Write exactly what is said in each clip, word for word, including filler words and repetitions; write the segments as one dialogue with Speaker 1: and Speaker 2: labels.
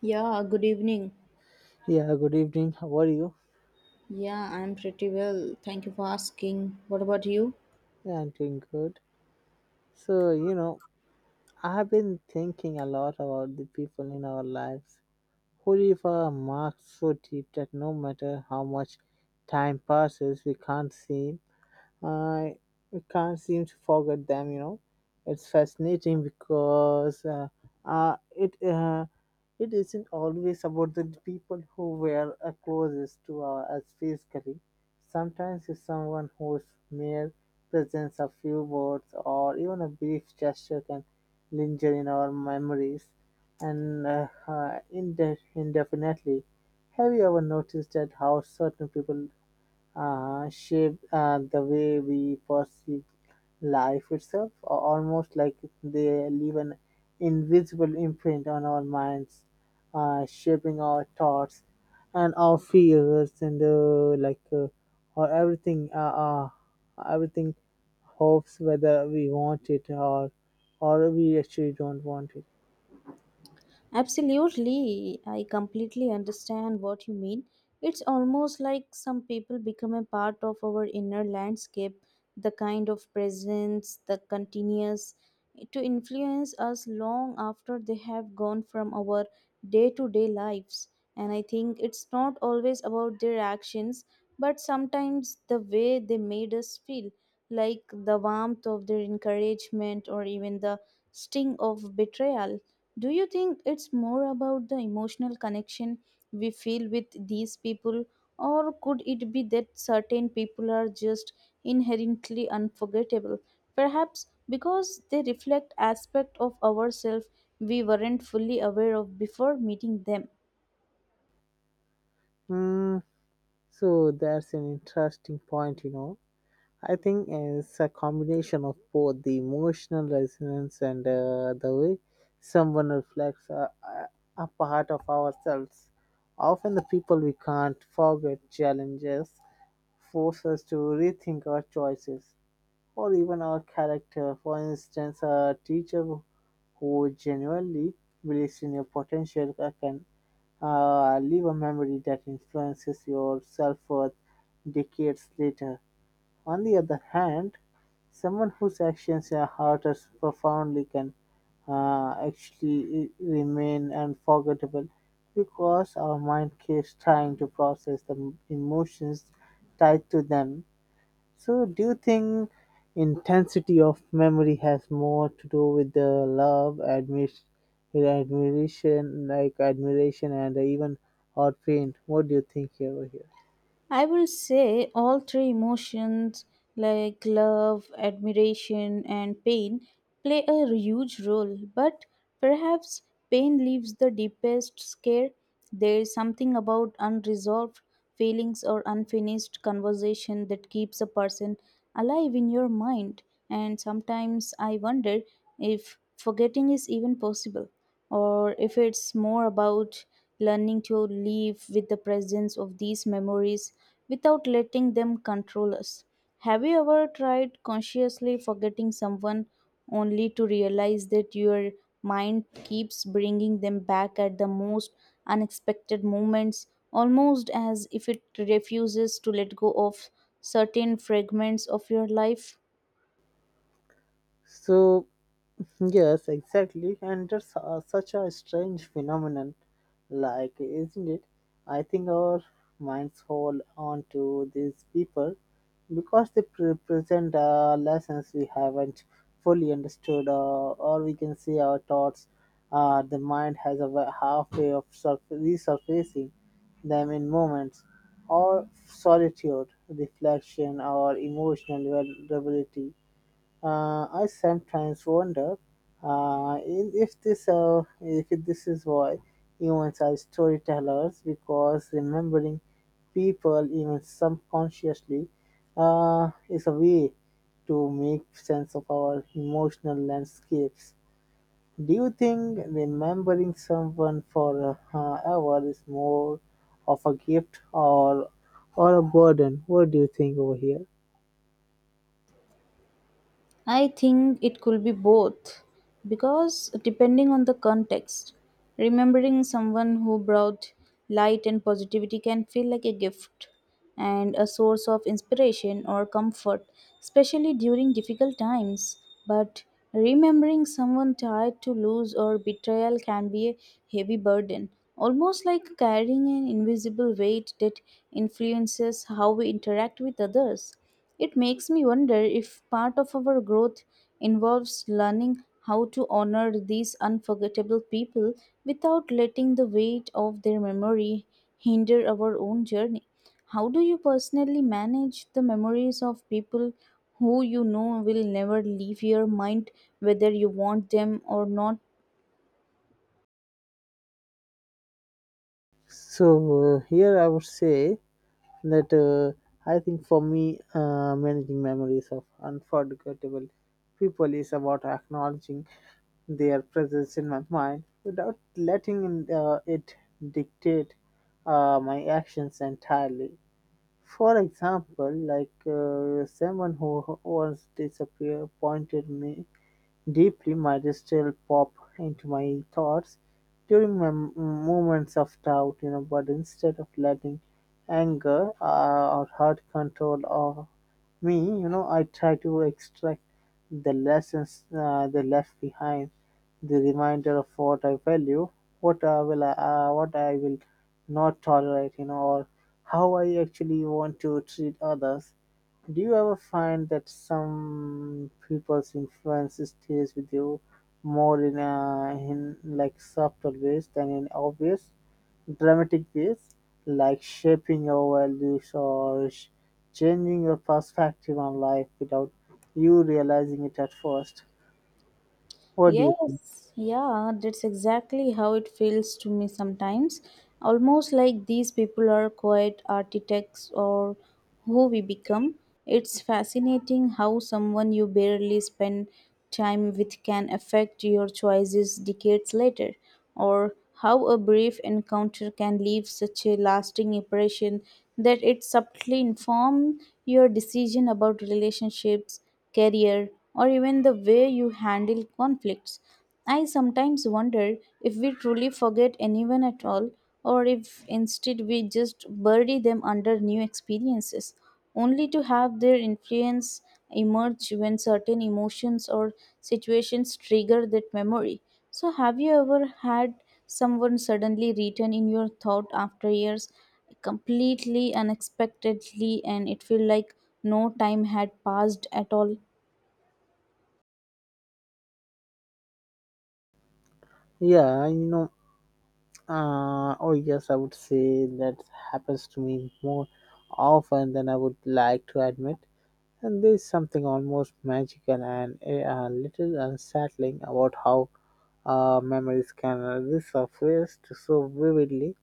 Speaker 1: Yeah, good evening.
Speaker 2: Yeah, good evening. How are you?
Speaker 1: Yeah, I'm pretty well. Thank you for asking. What about you?
Speaker 2: Yeah, I'm doing good. So, you know, I've been thinking a lot about the people in our lives who leave a mark so deep that no matter how much time passes, we can't see uh, we can't seem to forget them you know It's fascinating because uh, uh, it uh, it isn't always about the people who were uh, closest to uh, us physically. Sometimes it's someone whose mere presence, a few words, or even a brief gesture can linger in our memories and uh, uh, inde- indefinitely. Have you ever noticed that how certain people uh, shape uh, the way we perceive life itself, a- almost like they leave an invisible imprint on our minds, uh, shaping our thoughts and our fears and uh, like uh, or everything, uh, uh, everything, hopes, whether we want it or or we actually don't want it.
Speaker 1: Absolutely, I completely understand what you mean. It's almost like some people become a part of our inner landscape, the kind of presence, the continuous, to influence us long after they have gone from our day to day lives. And I think it's not always about their actions, but sometimes the way they made us feel, like the warmth of their encouragement or even the sting of betrayal. Do you think it's more about the emotional connection we feel with these people, or could it be that certain people are just inherently unforgettable? Perhaps because they reflect aspect of ourselves we weren't fully aware of before meeting them.
Speaker 2: Hmm. So that's an interesting point, you know. I think it's a combination of both the emotional resonance and uh, the way someone reflects a, a a part of ourselves. Often, the people we can't forget challenges force us to rethink our choices or even our character. For instance, a teacher who genuinely believes in your potential uh, can uh, leave a memory that influences your self worth decades later. On the other hand, someone whose actions uh, hurt us profoundly can uh, actually remain unforgettable because our mind keeps trying to process the emotions tied to them. So, do you think intensity of memory has more to do with the love, admiration, admiration, like admiration, and even or pain? What do you think over here?
Speaker 1: I will say all three emotions, like love, admiration, and pain, play a huge role, but perhaps pain leaves the deepest scare. There is something about unresolved feelings or unfinished conversation that keeps a person alive in your mind, and sometimes I wonder if forgetting is even possible or if it's more about learning to live with the presence of these memories without letting them control us. Have you ever tried consciously forgetting someone only to realize that your mind keeps bringing them back at the most unexpected moments, almost as if it refuses to let go of certain fragments of your life?
Speaker 2: So, yes, exactly. And that's uh, such a strange phenomenon. Like, isn't it? I think our minds hold on to these people because they pre- present uh, lessons we haven't fully understood, uh, or we can see our thoughts. Uh, the mind has a wa- halfway of surf- resurfacing them in moments or solitude, reflection, or emotional vulnerability. uh, I sometimes wonder uh, in- if this uh, if this is why humans are storytellers, because remembering people even subconsciously uh, is a way to make sense of our emotional landscapes. Do you think remembering someone for uh, ever is more of a gift or or a burden? What do you think over here?
Speaker 1: I think it could be both because depending on the context, remembering someone who brought light and positivity can feel like a gift and a source of inspiration or comfort, especially during difficult times. But remembering someone tied to lose or betrayal can be a heavy burden, almost like carrying an invisible weight that influences how we interact with others. It makes me wonder if part of our growth involves learning how to honor these unforgettable people without letting the weight of their memory hinder our own journey. How do you personally manage the memories of people who you know will never leave your mind, whether you want them or not?
Speaker 2: So uh, here I would say that uh, I think for me, uh, managing memories of unforgettable people is about acknowledging their presence in my mind without letting in, uh, it dictate uh, my actions entirely. For example, like uh, someone who once disappeared pointed me deeply might still pop into my thoughts during my m- moments of doubt, you know, but instead of letting anger uh, or hurt control of me, you know, I try to extract the lessons uh, they left behind, the reminder of what I value, what I will, uh, what I will not tolerate, you know, or how I actually want to treat others. Do you ever find that some people's influence stays with you more in, a in like subtle ways than in obvious, dramatic ways, like shaping your values or sh- changing your perspective on life without you realizing it at first? What do you think?
Speaker 1: Yes, yeah, that's exactly how it feels to me sometimes. Almost like these people are quite architects or who we become. It's fascinating how someone you barely spend time with can affect your choices decades later, or how a brief encounter can leave such a lasting impression that it subtly informs your decision about relationships career, or even the way you handle conflicts. I sometimes wonder if we truly forget anyone at all, or if instead we just bury them under new experiences, only to have their influence emerge when certain emotions or situations trigger that memory. So, have you ever had someone suddenly return in your thought after years completely unexpectedly and it felt like no time had passed at all?
Speaker 2: Yeah, you know, uh, oh yes, I would say that happens to me more often than I would like to admit. And there's something almost magical and eh, a little unsettling about how uh, memories can resurface so vividly.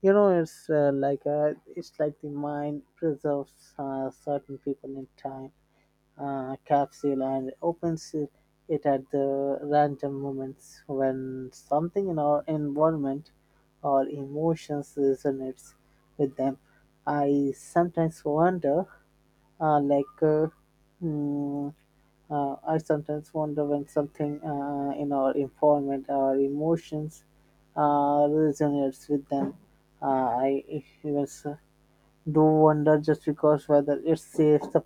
Speaker 2: You know, it's uh, like uh it's like the mind preserves uh, certain people in time uh, capsule and opens it it at the random moments when something in our environment or emotions resonates with them. I sometimes wonder uh, like, uh, mm, uh, I sometimes wonder when something uh, in our environment, our emotions uh, resonates with them. Uh, I even s- do wonder just because whether it saves the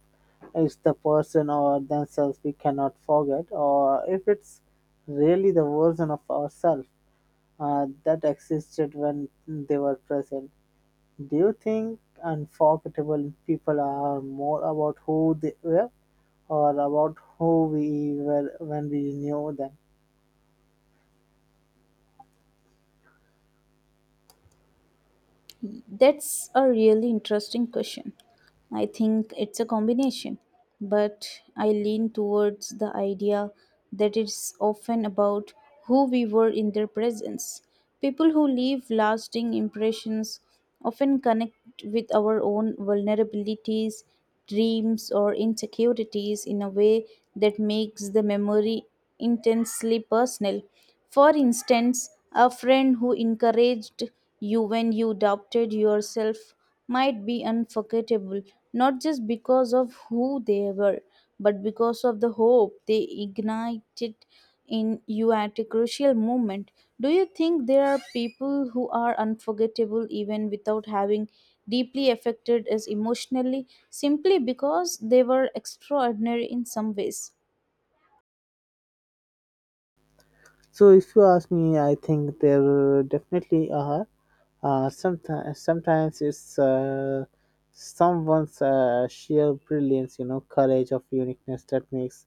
Speaker 2: it's the person or themselves we cannot forget, or if it's really the version of ourselves uh, that existed when they were present. Do you think unforgettable people are more about who they were or about who we were when we knew them?
Speaker 1: That's a really interesting question. I think it's a combination, but I lean towards the idea that it's often about who we were in their presence. People who leave lasting impressions often connect with our own vulnerabilities, dreams, or insecurities in a way that makes the memory intensely personal. For instance, a friend who encouraged you when you doubted yourself might be unforgettable, not just because of who they were, but because of the hope they ignited in you at a crucial moment. Do you think there are people who are unforgettable even without having deeply affected us emotionally simply because they were extraordinary in some ways?
Speaker 2: So if you ask me, I think there definitely are. Uh, sometimes, sometimes it's uh, someone's uh, sheer brilliance, you know, courage of uniqueness that makes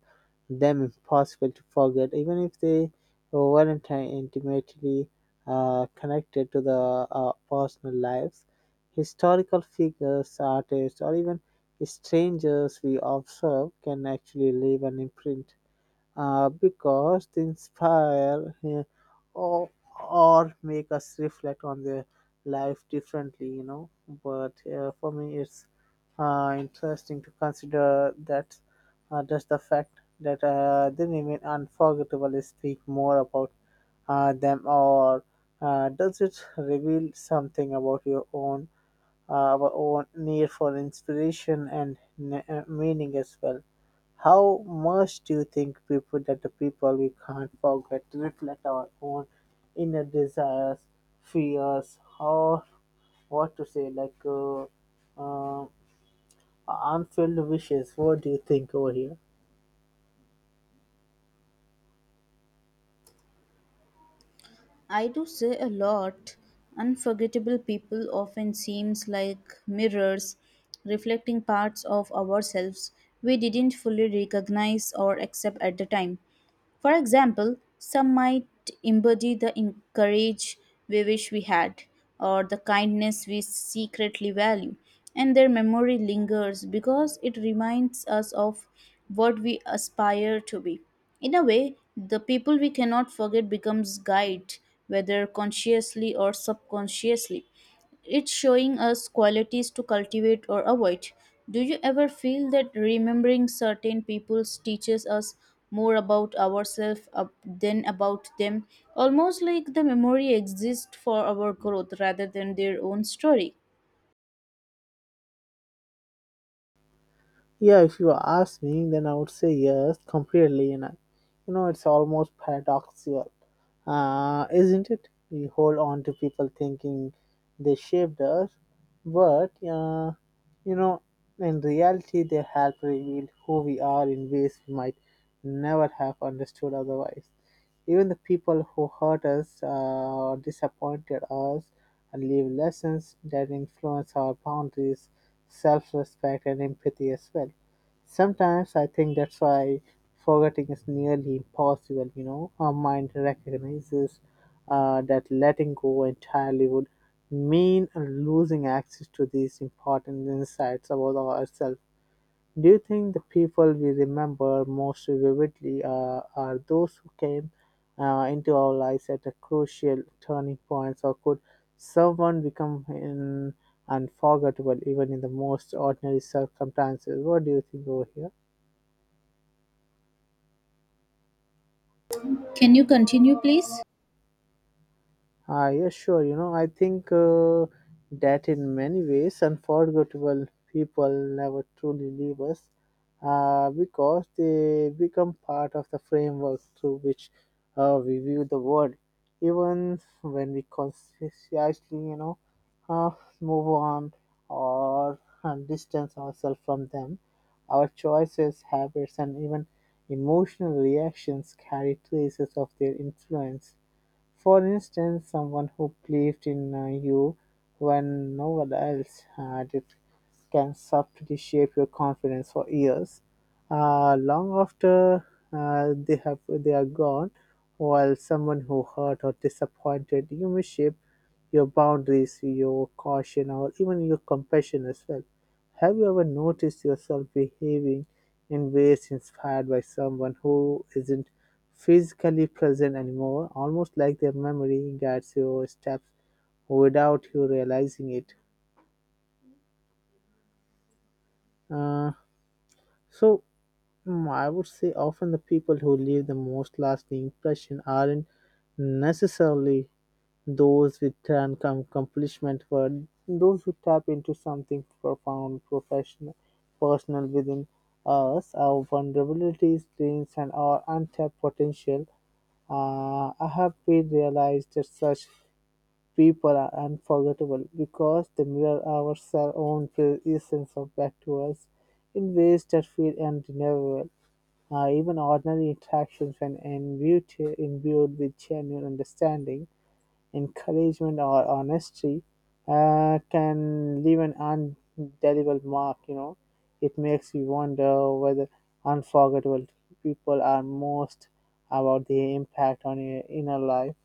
Speaker 2: them impossible to forget, even if they weren't uh, intimately uh, connected to the uh, personal lives. Historical figures, artists, or even strangers we observe can actually leave an imprint uh, because they inspire uh, or, or make us reflect on their life differently, you know. But uh, for me, it's uh, interesting to consider that uh, just the fact that uh, they remain unforgettable is speak more about uh, them or uh, does it reveal something about your own our own need for inspiration and n- uh, meaning as well. How much do you think people that the people we can't forget to reflect our own inner desires, fears, or what to say, like uh, uh, unfulfilled wishes? What do you think over here?
Speaker 1: I do say a lot. Unforgettable people often seems like mirrors reflecting parts of ourselves we didn't fully recognize or accept at the time. For example, some might embody the in- courage we wish we had, or the kindness we secretly value, and their memory lingers because it reminds us of what we aspire to be. In a way, the people we cannot forget becomes guide, whether consciously or subconsciously. It's showing us qualities to cultivate or avoid. Do you ever feel that remembering certain people teaches us more about ourselves uh, than about them? Almost like the memory exists for our growth rather than their own story.
Speaker 2: Yeah, if you ask me, then I would say yes, completely. You know. You know, it's almost paradoxical, uh, isn't it? We hold on to people thinking they shaped us, but, uh, you know, in reality, they help reveal who we are in ways we might never have understood otherwise. Even the people who hurt us uh, or disappointed us and leave lessons that influence our boundaries, self respect, and empathy as well. Sometimes I think that's why forgetting is nearly impossible, you know. Our mind recognizes uh, that letting go entirely would mean losing access to these important insights about ourselves. Do you think the people we remember most vividly uh, are those who came uh, into our lives at a crucial turning points, or could someone become in unforgettable even in the most ordinary circumstances? What do you think over here?
Speaker 1: Can you continue, please?
Speaker 2: Ah, yes, sure. You know, I think uh, that in many ways, unforgettable people never truly leave us uh, because they become part of the framework through which uh, we view the world. Even when we consciously, you know, uh, move on or uh, distance ourselves from them, our choices, habits, and even emotional reactions carry traces of their influence. For instance, someone who believed in uh, you when no one else had it can subtly shape your confidence for years, uh, long after uh, they have they are gone. While someone who hurt or disappointed you may shape your boundaries, your caution, or even your compassion as well. Have you ever noticed yourself behaving in ways inspired by someone who isn't physically present anymore, almost like their memory guides your steps without you realizing it? Uh, so, mm, I would say often the people who leave the most lasting impression aren't necessarily those with an com- accomplishment, but those who tap into something profound, professional, personal within us, our vulnerabilities, dreams, and our untapped potential. Uh, I have been realized that such people are unforgettable because they mirror our cell own pre- essence of back to us in ways that feel undeniable. Uh, even ordinary interactions, when imbued, imbued with genuine understanding, encouragement, or honesty uh, can leave an indelible mark. You know, it makes you wonder whether unforgettable people are most about the impact on your inner life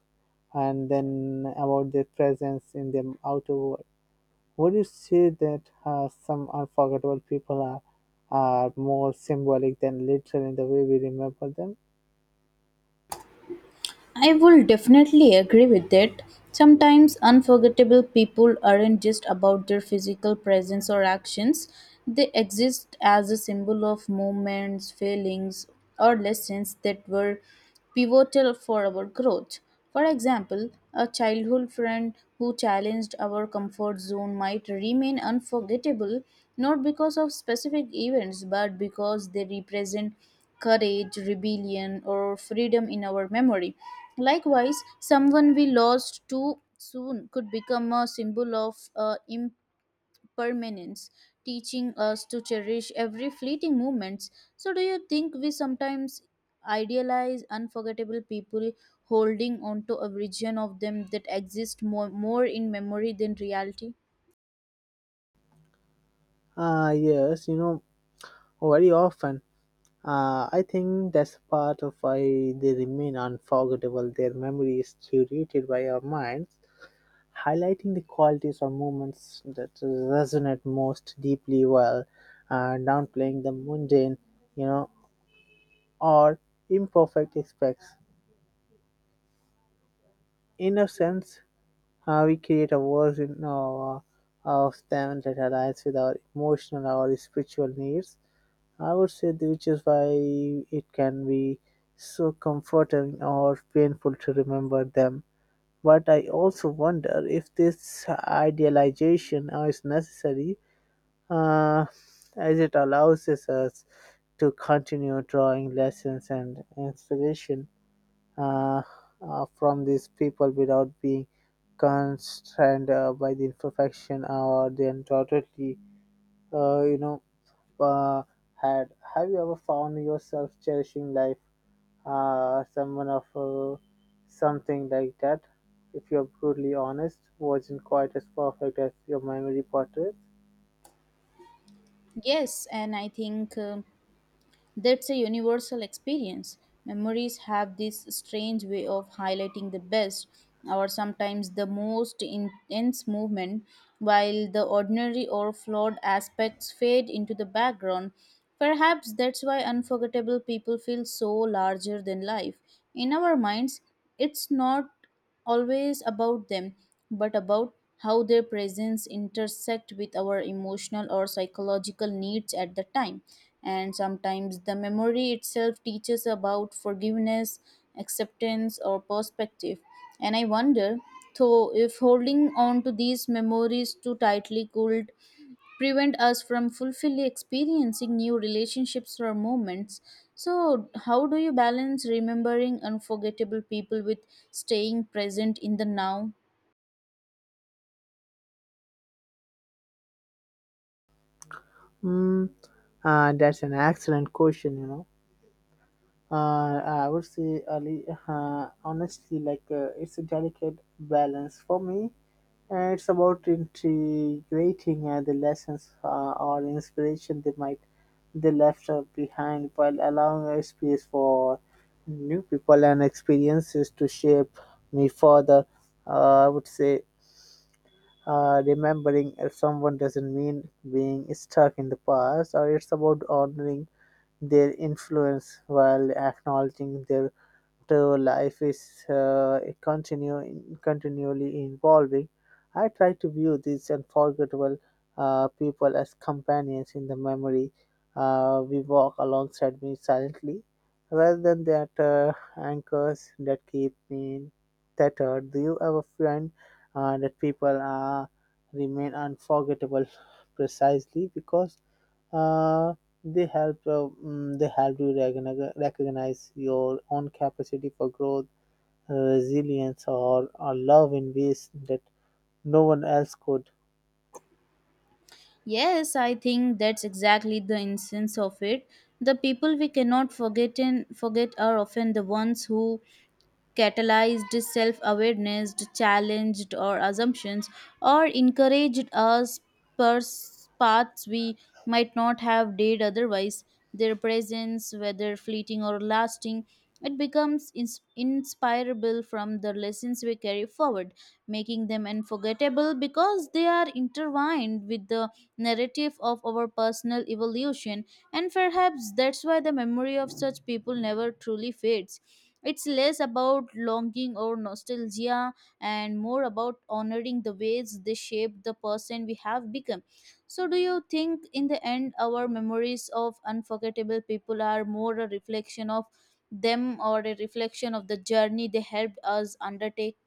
Speaker 2: and then about their presence in the outer world. Would you say that uh, some unforgettable people are are more symbolic than literal in the way we remember them?
Speaker 1: I will definitely agree with that. Sometimes unforgettable people aren't just about their physical presence or actions, they exist as a symbol of moments, feelings, or lessons that were pivotal for our growth. For example, a childhood friend who challenged our comfort zone might remain unforgettable not because of specific events but because they represent courage, rebellion, or freedom in our memory. Likewise, someone we lost too soon could become a symbol of uh, imp- permanence, teaching us to cherish every fleeting moment. So, do you think we sometimes idealize unforgettable people, holding on to a vision of them that exists more, more in memory than reality?
Speaker 2: Ah, yes, you know, very often. Uh, I think that's part of why they remain unforgettable. Their memory is curated by our minds, highlighting the qualities or moments that resonate most deeply well, and downplaying the mundane, you know, or imperfect aspects. In a sense, uh, we create a version of, of them that aligns with our emotional or spiritual needs, I would say, th- which is why it can be so comforting or painful to remember them. But I also wonder if this idealization is necessary, uh, as it allows us us to continue drawing lessons and inspiration uh, uh, from these people without being constrained uh, by the imperfection or the totally, uh, you know, uh, had. Have you ever found yourself cherishing life, uh, someone of uh, something like that? If you're brutally honest, wasn't quite as perfect as your memory portrays.
Speaker 1: Yes, and I think. um That's a universal experience. Memories have this strange way of highlighting the best or sometimes the most intense movement, while the ordinary or flawed aspects fade into the background. Perhaps that's why unforgettable people feel so larger than life. In our minds, it's not always about them, but about how their presence intersect with our emotional or psychological needs at the time. And sometimes the memory itself teaches about forgiveness, acceptance, or perspective. And I wonder, though, if holding on to these memories too tightly could prevent us from fully experiencing new relationships or moments. So, how do you balance remembering unforgettable people with staying present in the now?
Speaker 2: Hmm. Uh, that's an excellent question. You know, uh, I would say, Ali, uh, honestly, like uh, it's a delicate balance for me. And it's about integrating uh, the lessons uh, or inspiration they might they left uh, behind while allowing a space for new people and experiences to shape me further. Uh, I would say uh, remembering if someone doesn't mean being stuck in the past, or it's about honoring their influence while acknowledging their to life is uh, continuing, continually evolving. I try to view these unforgettable uh, people as companions in the memory. Uh, we walk alongside me silently, rather than that uh, anchors that keep me tethered. Do you ever find uh, that people uh, remain unforgettable precisely because uh, they help uh, mm, they help you recogni- recognize your own capacity for growth, uh, resilience, or, or love in ways that no one else could
Speaker 1: Yes, I think that's exactly the essence of it. The people we cannot forget and forget are often the ones who catalyzed self awareness, challenged our assumptions, or encouraged us pers- paths we might not have dared otherwise. Their presence, whether fleeting or lasting, it becomes ins- inspirable from the lessons we carry forward, making them unforgettable because they are intertwined with the narrative of our personal evolution, and perhaps that's why the memory of such people never truly fades. It's less about longing or nostalgia and more about honoring the ways they shape the person we have become. So, do you think in the end our memories of unforgettable people are more a reflection of them or a reflection of the journey they helped us undertake?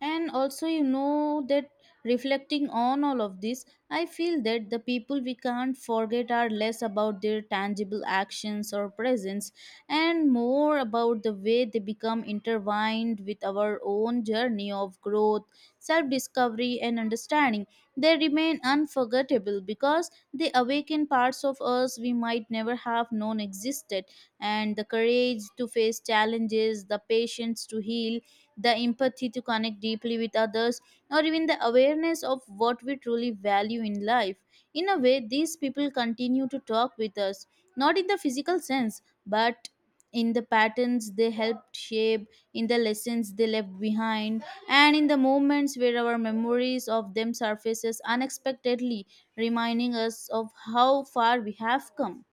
Speaker 1: And also, you know that reflecting on all of this, I feel that the people we can't forget are less about their tangible actions or presence and more about the way they become intertwined with our own journey of growth, self discovery and understanding. They remain unforgettable because they awaken parts of us we might never have known existed, and the courage to face challenges, the patience to heal, the empathy to connect deeply with others, or even the awareness of what we truly value in life. In a way, these people continue to talk with us, not in the physical sense, but in the patterns they helped shape, in the lessons they left behind, and in the moments where our memories of them surfaces unexpectedly, reminding us of how far we have come.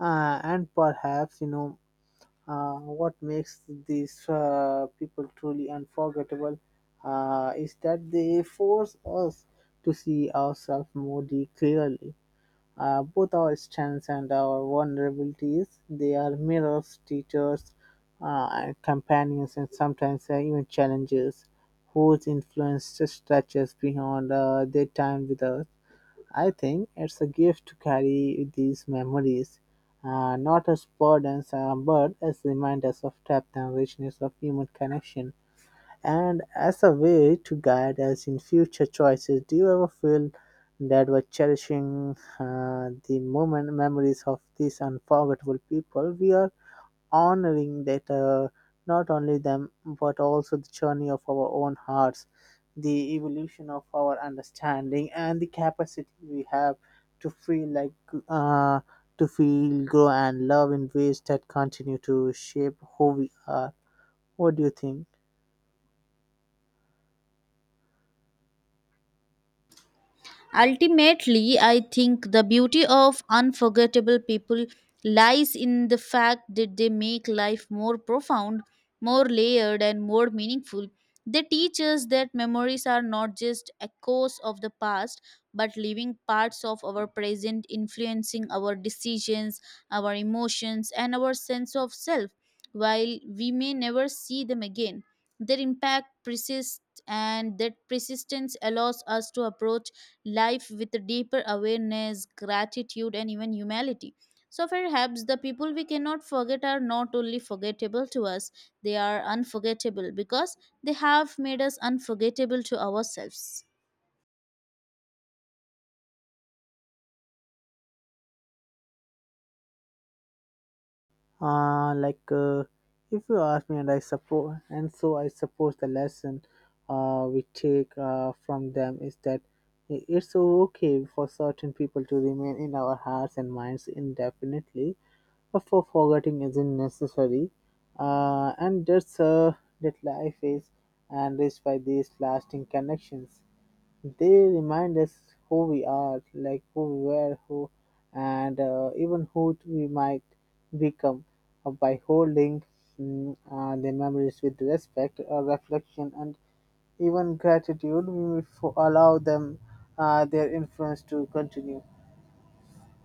Speaker 2: uh, And perhaps, you know, uh, what makes these uh, people truly unforgettable uh, is that they force us to see ourselves more de- clearly. Uh, both our strengths and our vulnerabilities, they are mirrors, teachers, uh, and companions, and sometimes uh, even challenges whose influence just stretches beyond uh, their time with us. I think it's a gift to carry these memories, uh, not as burdens, uh, but as reminders of depth and richness of human connection, and as a way to guide us in future choices. Do you ever feel that we're cherishing uh, the moment memories of these unforgettable people, we are honoring that uh, not only them but also the journey of our own hearts, the evolution of our understanding and the capacity we have to feel like uh, to feel, grow and love in ways that continue to shape who we are? What do you think?
Speaker 1: Ultimately, I think the beauty of unforgettable people lies in the fact that they make life more profound, more layered, and more meaningful. They teach us that memories are not just echoes of the past, but living parts of our present, influencing our decisions, our emotions, and our sense of self. While we may never see them again, their impact persists, and that persistence allows us to approach life with a deeper awareness, gratitude, and even humility. So perhaps the people we cannot forget are not only forgettable to us, they are unforgettable because they have made us unforgettable to ourselves.
Speaker 2: uh, like uh, if you ask me, and I suppose and so I suppose the lesson uh, we take uh, from them is that it's okay for certain people to remain in our hearts and minds indefinitely, for forgetting isn't necessary, uh, and that's uh, that life is enriched by these lasting connections. They remind us who we are, like who we were, who, and uh, even who we might become, uh, by holding mm, uh, the memories with respect, uh, reflection, and even gratitude. We will fo- allow them, uh, their influence, to continue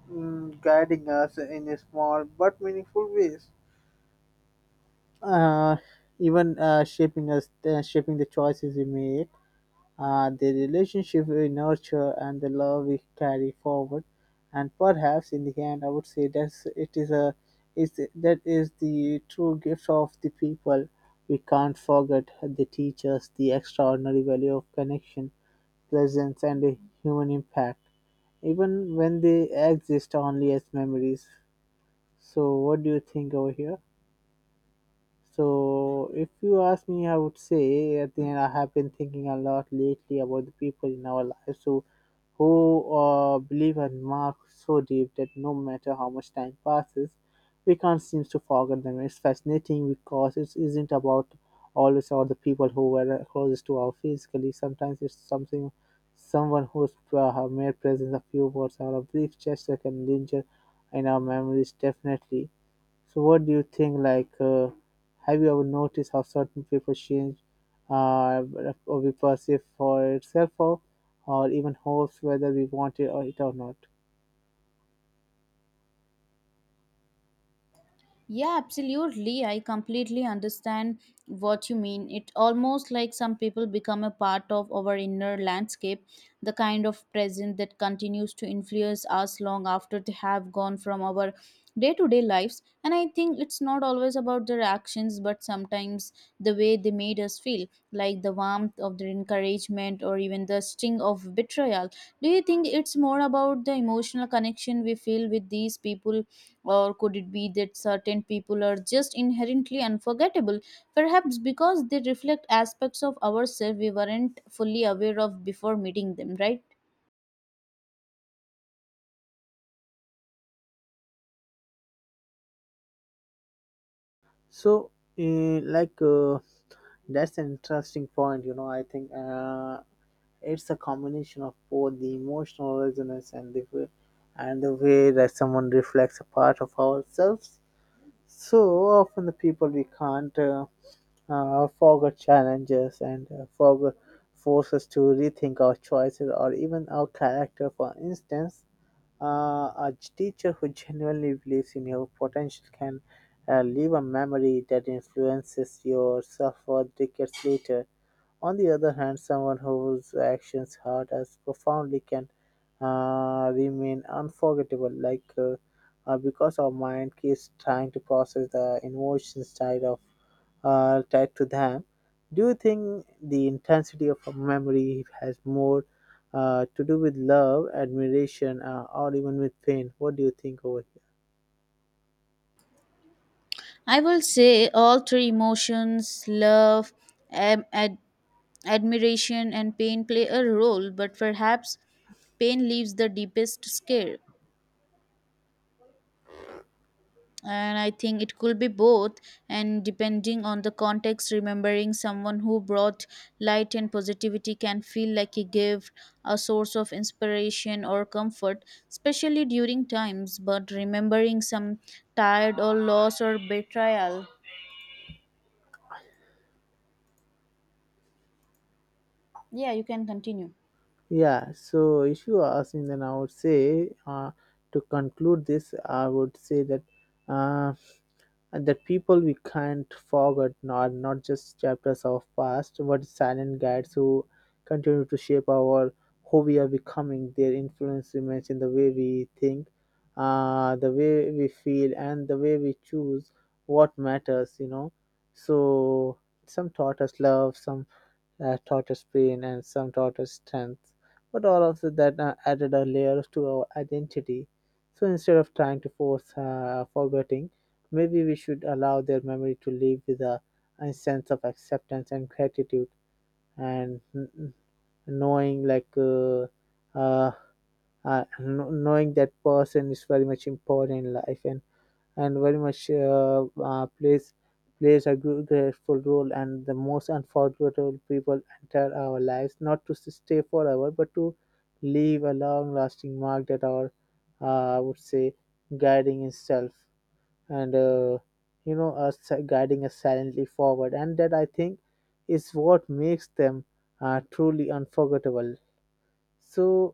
Speaker 2: mm, guiding us in a small but meaningful ways, uh, even uh, shaping us, uh, shaping the choices we make, uh, the relationship we nurture, and the love we carry forward. And perhaps in the end, I would say that's it is a is that is the true gift of the people we can't forget. They teach us the extraordinary value of connection, presence, and the human impact, even when they exist only as memories. So what do you think over here? So if you ask me, I would say at the end, I have been thinking a lot lately about the people in our lives who who uh, believe and mark so deep that no matter how much time passes, we can't seem to forget them. It's fascinating because it isn't about always about the people who were closest to us physically. Sometimes it's something someone whose uh, mere presence, a few words or a brief gesture can linger in our memories definitely. So what do you think? Like, uh, have you ever noticed how certain people change, uh, or we perceive for itself, or, or even hopes, whether we want it or it or not?
Speaker 1: Yeah, absolutely. I completely understand what you mean. It almost like some people become a part of our inner landscape, the kind of present that continues to influence us long after they have gone from our day to day lives. And I think it's not always about their actions, but sometimes the way they made us feel, like the warmth of their encouragement or even the sting of betrayal. Do you think it's more about the emotional connection we feel with these people? Or could it be that certain people are just inherently unforgettable, perhaps because they reflect aspects of ourselves we weren't fully aware of before meeting them, right?
Speaker 2: So, uh, like, uh, that's an interesting point. You know, I think uh, it's a combination of both the emotional resonance and the way, and the way that someone reflects a part of ourselves. So often the people we can't. Uh, uh, forgot challenges and uh, forgot force us to rethink our choices or even our character. For instance, uh, a teacher who genuinely believes in your potential can uh, leave a memory that influences yourself for decades later. On the other hand, someone whose actions hurt us profoundly can uh, remain unforgettable, like uh, uh, because our mind keeps trying to process the emotions side of uh, tied to them. Do you think the intensity of a memory has more uh, to do with love, admiration, uh, or even with pain? What do you think over
Speaker 1: I will say all three emotions love, am, ad, admiration, and pain play a role, but perhaps pain leaves the deepest scare. And I think it could be both, and depending on the context, remembering someone who brought light and positivity can feel like a gift, a source of inspiration or comfort especially during times, but remembering some tired or loss or betrayal. Yeah, you can continue.
Speaker 2: here? Yeah, so if you ask me, then I would say, uh, to conclude this, I would say that uh, and that people we can't forget are not just chapters of past but silent guides who continue to shape our who we are becoming. Their influence remains in the way we think, uh, the way we feel and the way we choose what matters, you know. So some taught us love, some uh, taught us pain and some taught us strength. But all of that uh, added a layer to our identity. So instead of trying to force uh, forgetting, maybe we should allow their memory to live with a, a sense of acceptance and gratitude, and n- n- knowing like uh, uh, uh, kn- knowing that person is very much important in life, and and very much uh, uh, plays plays a gr- grateful role. And the most unforgettable people enter our lives not to s- stay forever but to leave a long lasting mark that our, uh, I would say, guiding itself, and uh, you know, us guiding us silently forward. And that, I think, is what makes them uh, truly unforgettable. So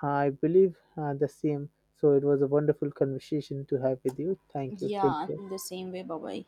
Speaker 2: I believe uh, the same. So it was a wonderful conversation to have with you. Thank you,
Speaker 1: Yeah,
Speaker 2: take
Speaker 1: I
Speaker 2: care.
Speaker 1: feel the same way, Baba.